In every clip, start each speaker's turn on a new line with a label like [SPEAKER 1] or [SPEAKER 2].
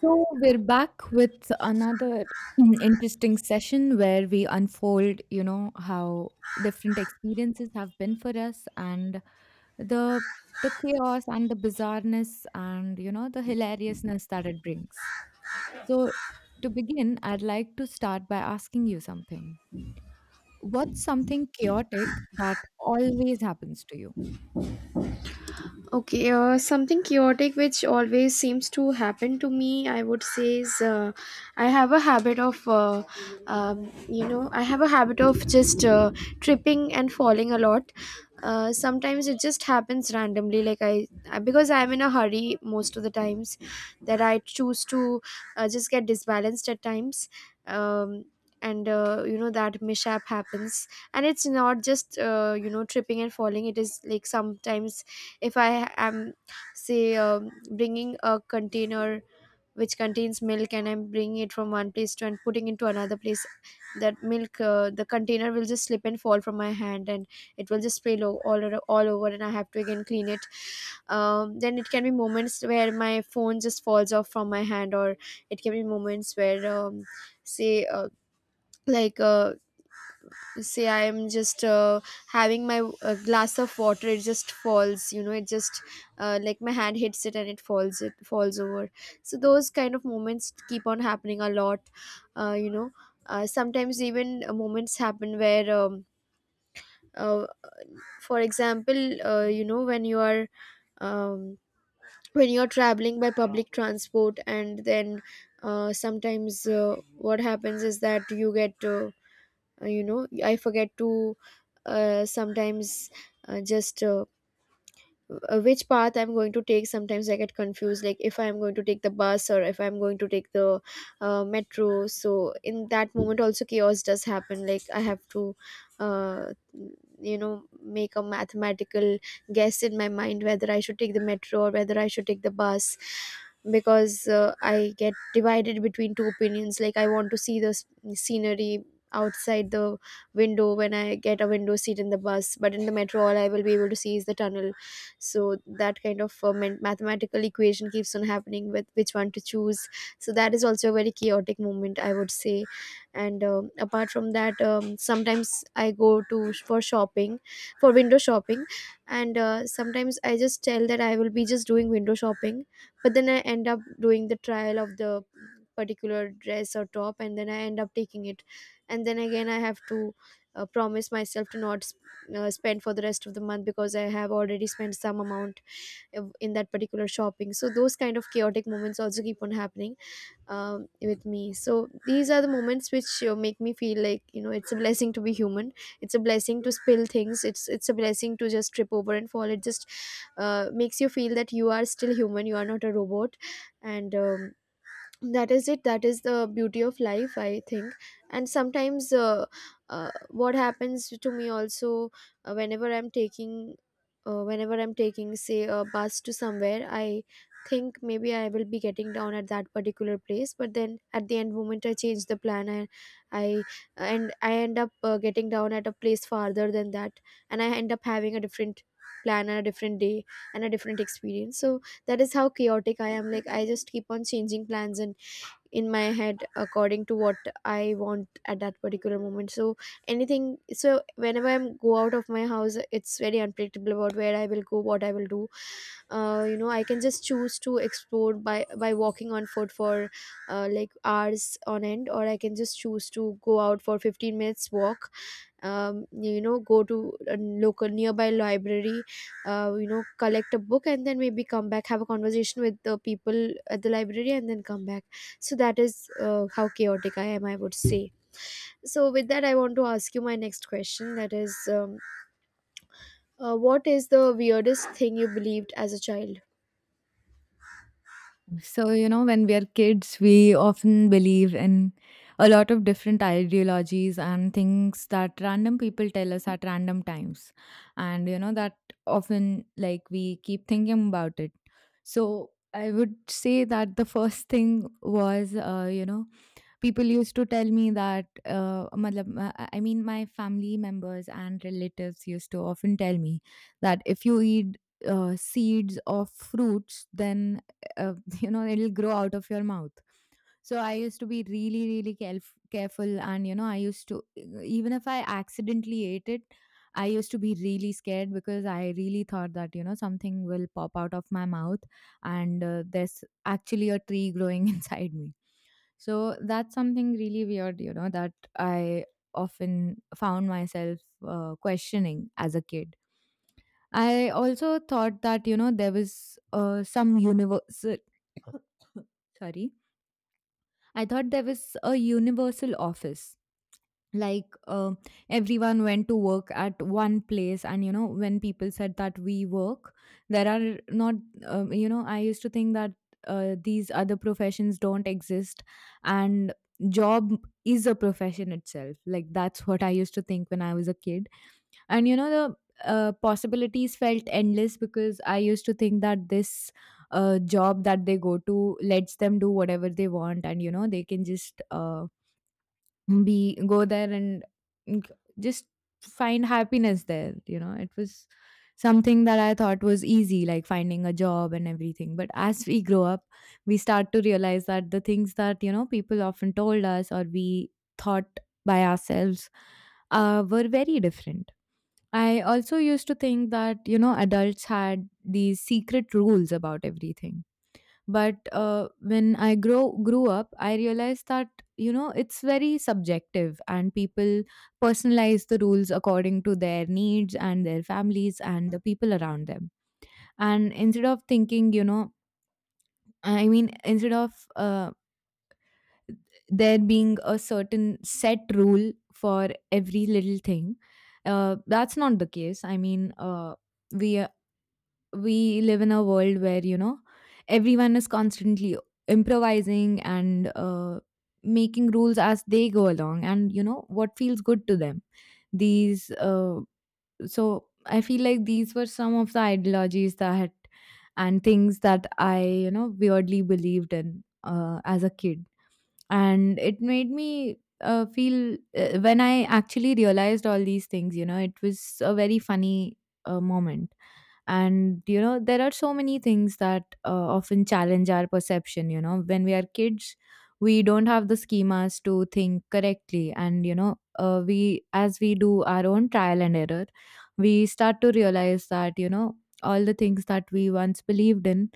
[SPEAKER 1] So, we're back with another interesting session where we unfold, you know, how different experiences have been for us and the the chaos and the bizarreness and you know the hilariousness that it brings. So, to begin, I'd like to start by asking you something. What's something chaotic that always happens to you?
[SPEAKER 2] Okay, something chaotic which always seems to happen to me, I would say, is I have a habit of, I have a habit of just tripping and falling a lot. Sometimes it just happens randomly, like I because I'm in a hurry most of the times that I choose to just get disbalanced at times. Um, and You know, that mishap happens, and it's not just you know, tripping and falling. It is like sometimes if I am say, bringing a container which contains milk, and I'm bringing it from one place to and putting into another place, that milk, the container, will just slip and fall from my hand, and it will just spill all over, all over, and I have to again clean it. Then it can be moments where my phone just falls off from my hand, or it can be moments where say uh, like uh, say I'm just having my glass of water, it just falls, you know, it just like, my hand hits it and it falls, it falls over. So those kind of moments keep on happening a lot. uh, you know Sometimes even moments happen where, uh, for example, you know, when you are, um, when you're traveling by public transport, and then sometimes what happens is that you get you know, I forget to sometimes just which path I'm going to take. Sometimes I get confused, like if I'm going to take the bus or if I'm going to take the metro. So in that moment also, chaos does happen, like I have to uh, you know, make a mathematical guess in my mind whether I should take the metro or whether I should take the bus, because I get divided between two opinions. Like, I want to see the scenery outside the window when I get a window seat in the bus, but in the metro all I will be able to see is the tunnel. So that kind of mathematical equation keeps on happening with which one to choose. So that is also a very chaotic moment, I would say. And apart from that, sometimes I go to for shopping, for window shopping, and sometimes I just tell that I will be just doing window shopping, but then I end up doing the trial of the particular dress or top, and then I end up taking it, and then again I have to promise myself to not spend for the rest of the month, because I have already spent some amount of- in that particular shopping. So those kind of chaotic moments also keep on happening with me. So these are the moments which make me feel like, you know, it's a blessing to be human. It's a blessing to spill things, it's a blessing to just trip over and fall. It just makes you feel that you are still human, you are not a robot. And that is it, that is the beauty of life, I think. And sometimes what happens to me also, uh, whenever i'm taking whenever I'm taking, say, a bus to somewhere, I think maybe I will be getting down at that particular place, but then at the end moment I change the plan, and I and I end up getting down at a place farther than that, and I end up having a different plan and a different day and a different experience. So that is how chaotic I am. Like, I just keep on changing plans and in my head according to what I want at that particular moment. So anything, so whenever I'm go out of my house, it's very unpredictable about where I will go, what I will do. You know, I can just choose to explore by walking on foot for like, hours on end, or I can just choose to go out for 15 minutes walk. You know, go to a local nearby library, you know, collect a book and then maybe come back, have a conversation with the people at the library, and then come back. So that is how chaotic I am, I would say. So with that, I want to ask you my next question, that is, what is the weirdest thing you believed as a child?
[SPEAKER 1] So, you know, when we are kids, we often believe in a lot of different ideologies and things that random people tell us at random times. And, you know, that often like we keep thinking about it. So, I would say that the first thing was, you know, people used to tell me that matlab, I mean my family members and relatives used to often tell me that if you eat seeds of fruits, then uh, you know it'll grow out of your mouth. So I used to be really, really careful, and you know I used to, even if I accidentally ate it, I used to be really scared because I really thought that, you know, something will pop out of my mouth and there's actually a tree growing inside me. So that's something really weird, you know, that I often found myself questioning as a kid. I also thought that, you know, there was some universal, sorry, I thought there was a universal office, like everyone went to work at one place, and you know when people said that we work, there are not, you know, I used to think that these other professions don't exist and job is a profession itself. Like, that's what I used to think when I was a kid. And you know the possibilities felt endless because I used to think that this job that they go to lets them do whatever they want, and you know they can just be go there and g- just find happiness there. You know, it was something that I thought was easy, like finding a job and everything. But as we grow up, we start to realize that the things that, you know, people often told us or we thought by ourselves were very different. I also used to think that, you know, adults had these secret rules about everything, but when I grow grew up, I realized that, you know, it's very subjective and people personalize the rules according to their needs and their families and the people around them. And instead of thinking, you know, I mean, instead of there being a certain set rule for every little thing, that's not the case. I mean, we we live in a world where, you know, everyone is constantly improvising and making rules as they go along and you know what feels good to them. These uh, so I feel like these were some of the ideologies that and things that I, you know, weirdly believed in as a kid. And it made me feel when I actually realized all these things, you know, it was a very funny moment. And you know there are so many things that often challenge our perception, you know, when we are kids, we don't have the schemas to think correctly. And you know, we, as we do our own trial and error, we start to realize that, you know, all the things that we once believed in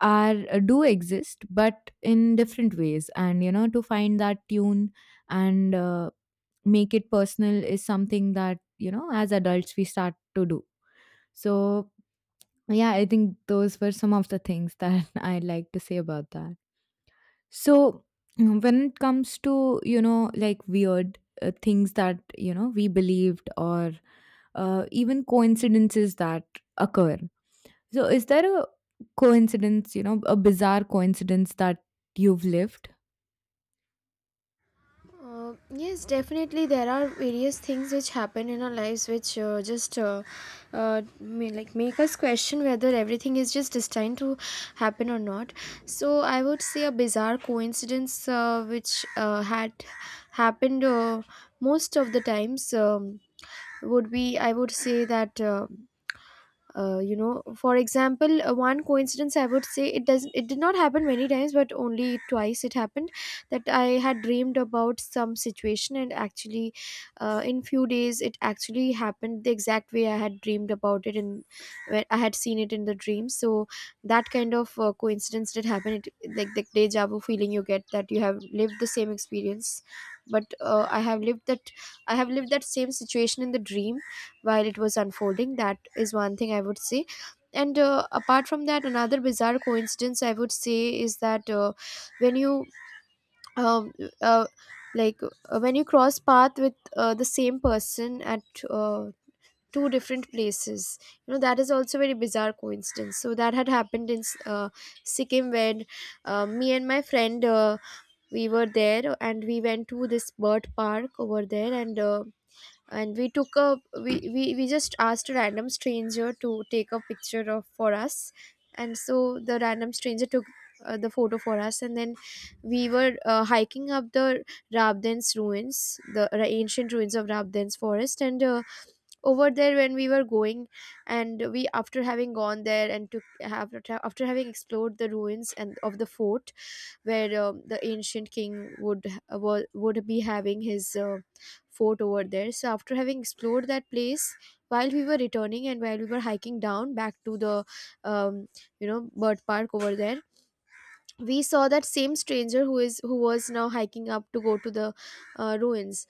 [SPEAKER 1] are, do exist, but in different ways. And you know, to find that tune and make it personal is something that, you know, as adults we start to do. So yeah, I think those were some of the things that I'd like to say about that. So, when it comes to, you know, like weird things that, you know, we believed or even coincidences that occur. So, is there a coincidence, you know, a bizarre coincidence that you've lived?
[SPEAKER 2] Yes, definitely. There are various things which happen in our lives which just may, like, make us question whether everything is just destined to happen or not. So I would say a bizarre coincidence which had happened most of the times, would be, I would say that. You know, for example, one coincidence I would say, it doesn't, it did not happen many times, but only twice it happened that I had dreamed about some situation, and actually in few days it actually happened the exact way I had dreamed about it, and where I had seen it in the dream. So that kind of coincidence did happen. It, like the deja vu feeling you get that you have lived the same experience, but uh, I have lived that same situation in the dream while it was unfolding. That is one thing I would say. And apart from that, another bizarre coincidence I would say is that, when you, um, uh, when you cross path with the same person at uh, two different places, you know, that is also very bizarre coincidence. So that had happened in Sikkim, when me and my friend, we were there, and we went to this bird park over there. And and we took a we just asked a random stranger to take a picture of for us, and so the random stranger took the photo for us. And then we were hiking up the Rabdens ruins, the ancient ruins of Rabdens forest, and over there when we were going, and we after having gone there and took have, after having explored the ruins and of the fort, where the ancient king would would be having his fort over there. So after having explored that place, while we were returning and while we were hiking down back to the, um, you know, bird park over there, we saw that same stranger, who is who was now hiking up to go to the ruins.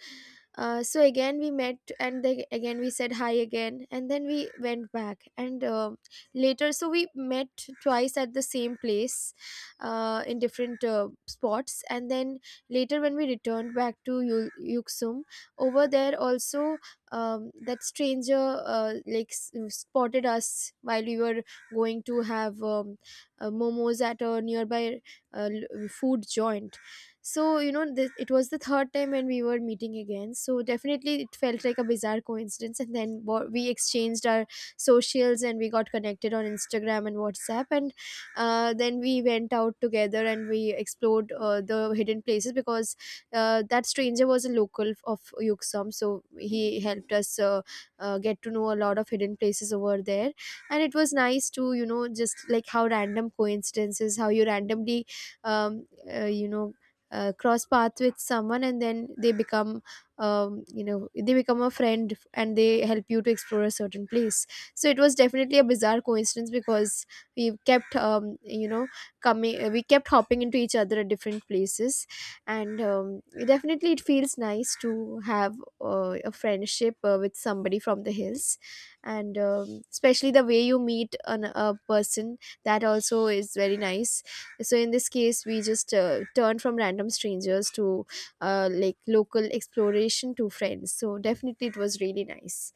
[SPEAKER 2] So again we met, and then again we said hi again, and then we went back. And um, later, so we met twice at the same place, in different spots. And then later when we returned back to Yuksum, over there also, that stranger spotted us while we were going to have, momos at a nearby food joint. So, you know, this, it was the third time when we were meeting again. So, definitely it felt like a bizarre coincidence. And then we exchanged our socials and we got connected on Instagram and WhatsApp. And then we went out together, and we explored the hidden places, because that stranger was a local of Yuksom. So, he helped us get to know a lot of hidden places over there. And it was nice to, you know, just like how random coincidences, how you randomly um, uh, you know cross path with someone, and then they become, um, they become a friend and they help you to explore a certain place. So it was definitely a bizarre coincidence, because we kept you know, coming, we kept hopping into each other at different places. And definitely it feels nice to have a friendship with somebody from the hills. And especially the way you meet a person, that also is very nice. So in this case, we just turn from random strangers to like, local exploration, to friends. So definitely it was really nice.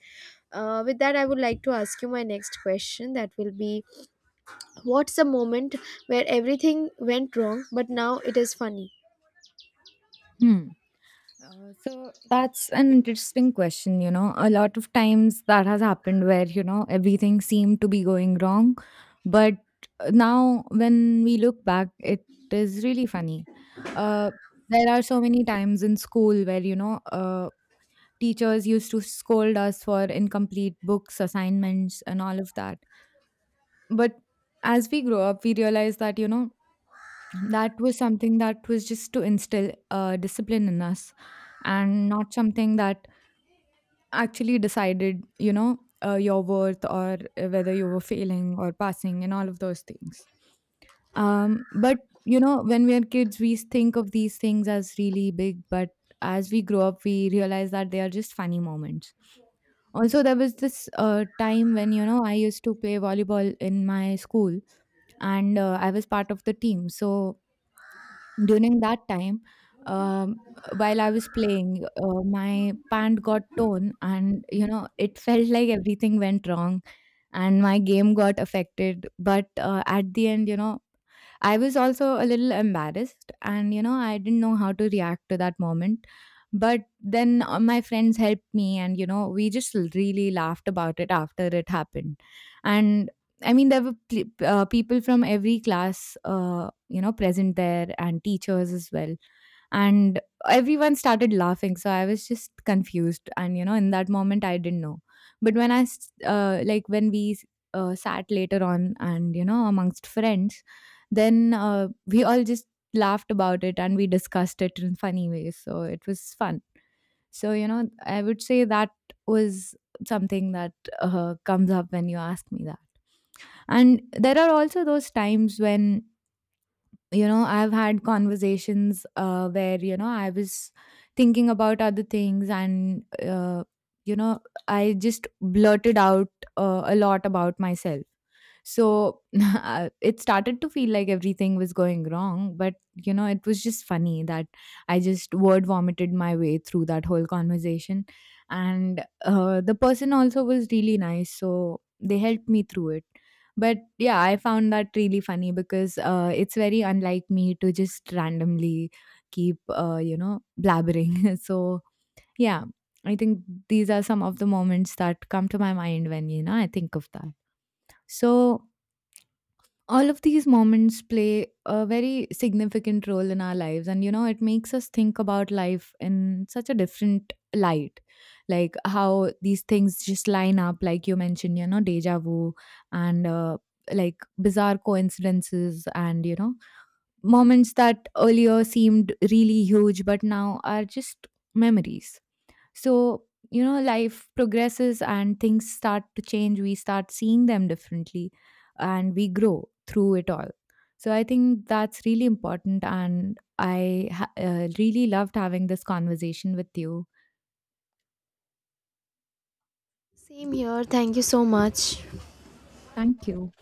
[SPEAKER 2] With that, I would like to ask you my next question, that will be, what's the moment where everything went wrong but now it is funny?
[SPEAKER 1] Hmm. So that's an interesting question. You know, a lot of times that has happened where, you know, everything seemed to be going wrong. But now when we look back, it is really funny. Uh, there are so many times in school where, you know, teachers used to scold us for incomplete books, assignments, and all of that. But as we grow up, we realize that, you know, that was something that was just to instill discipline in us and not something that actually decided, you know, your worth or whether you were failing or passing and all of those things. But, you know, when we are kids, we think of these things as really big, but as we grow up, we realize that they are just funny moments. Also, there was this time when, you know, I used to play volleyball in my school, and I was part of the team. So during that time, um, while I was playing, my pant got torn, and you know it felt like everything went wrong and my game got affected. But at the end, you know, I was also a little embarrassed, and you know, I didn't know how to react to that moment. But then my friends helped me, and you know, we just really laughed about it after it happened. And I mean, there were people from every class, you know, present there, and teachers as well, and everyone started laughing. So I was just confused, and you know in that moment I didn't know. But when I like when we sat later on, and you know amongst friends, then we all just laughed about it, and we discussed it in funny ways, so it was fun. So you know, I would say that was something that comes up when you ask me that. And there are also those times when, you know, I've had conversations where, you know, I was thinking about other things, and you know, I just blurted out a lot about myself. So it started to feel like everything was going wrong, but you know it was just funny that I just word vomited my way through that whole conversation. And the person also was really nice, so they helped me through it. But yeah, I found that really funny because it's very unlike me to just randomly keep, you know, blabbering. So yeah, I think these are some of the moments that come to my mind when, you know, I think of that. So all of these moments play a very significant role in our lives, and you know it makes us think about life in such a different light, like how these things just line up, like you mentioned, you know, deja vu and, like, bizarre coincidences and, you know, moments that earlier seemed really huge but now are just memories. So, you know, life progresses and things start to change. We start seeing them differently, and we grow through it all. So, I think that's really important. And I really loved having this conversation with you.
[SPEAKER 2] Same here, thank you so much.
[SPEAKER 1] Thank you.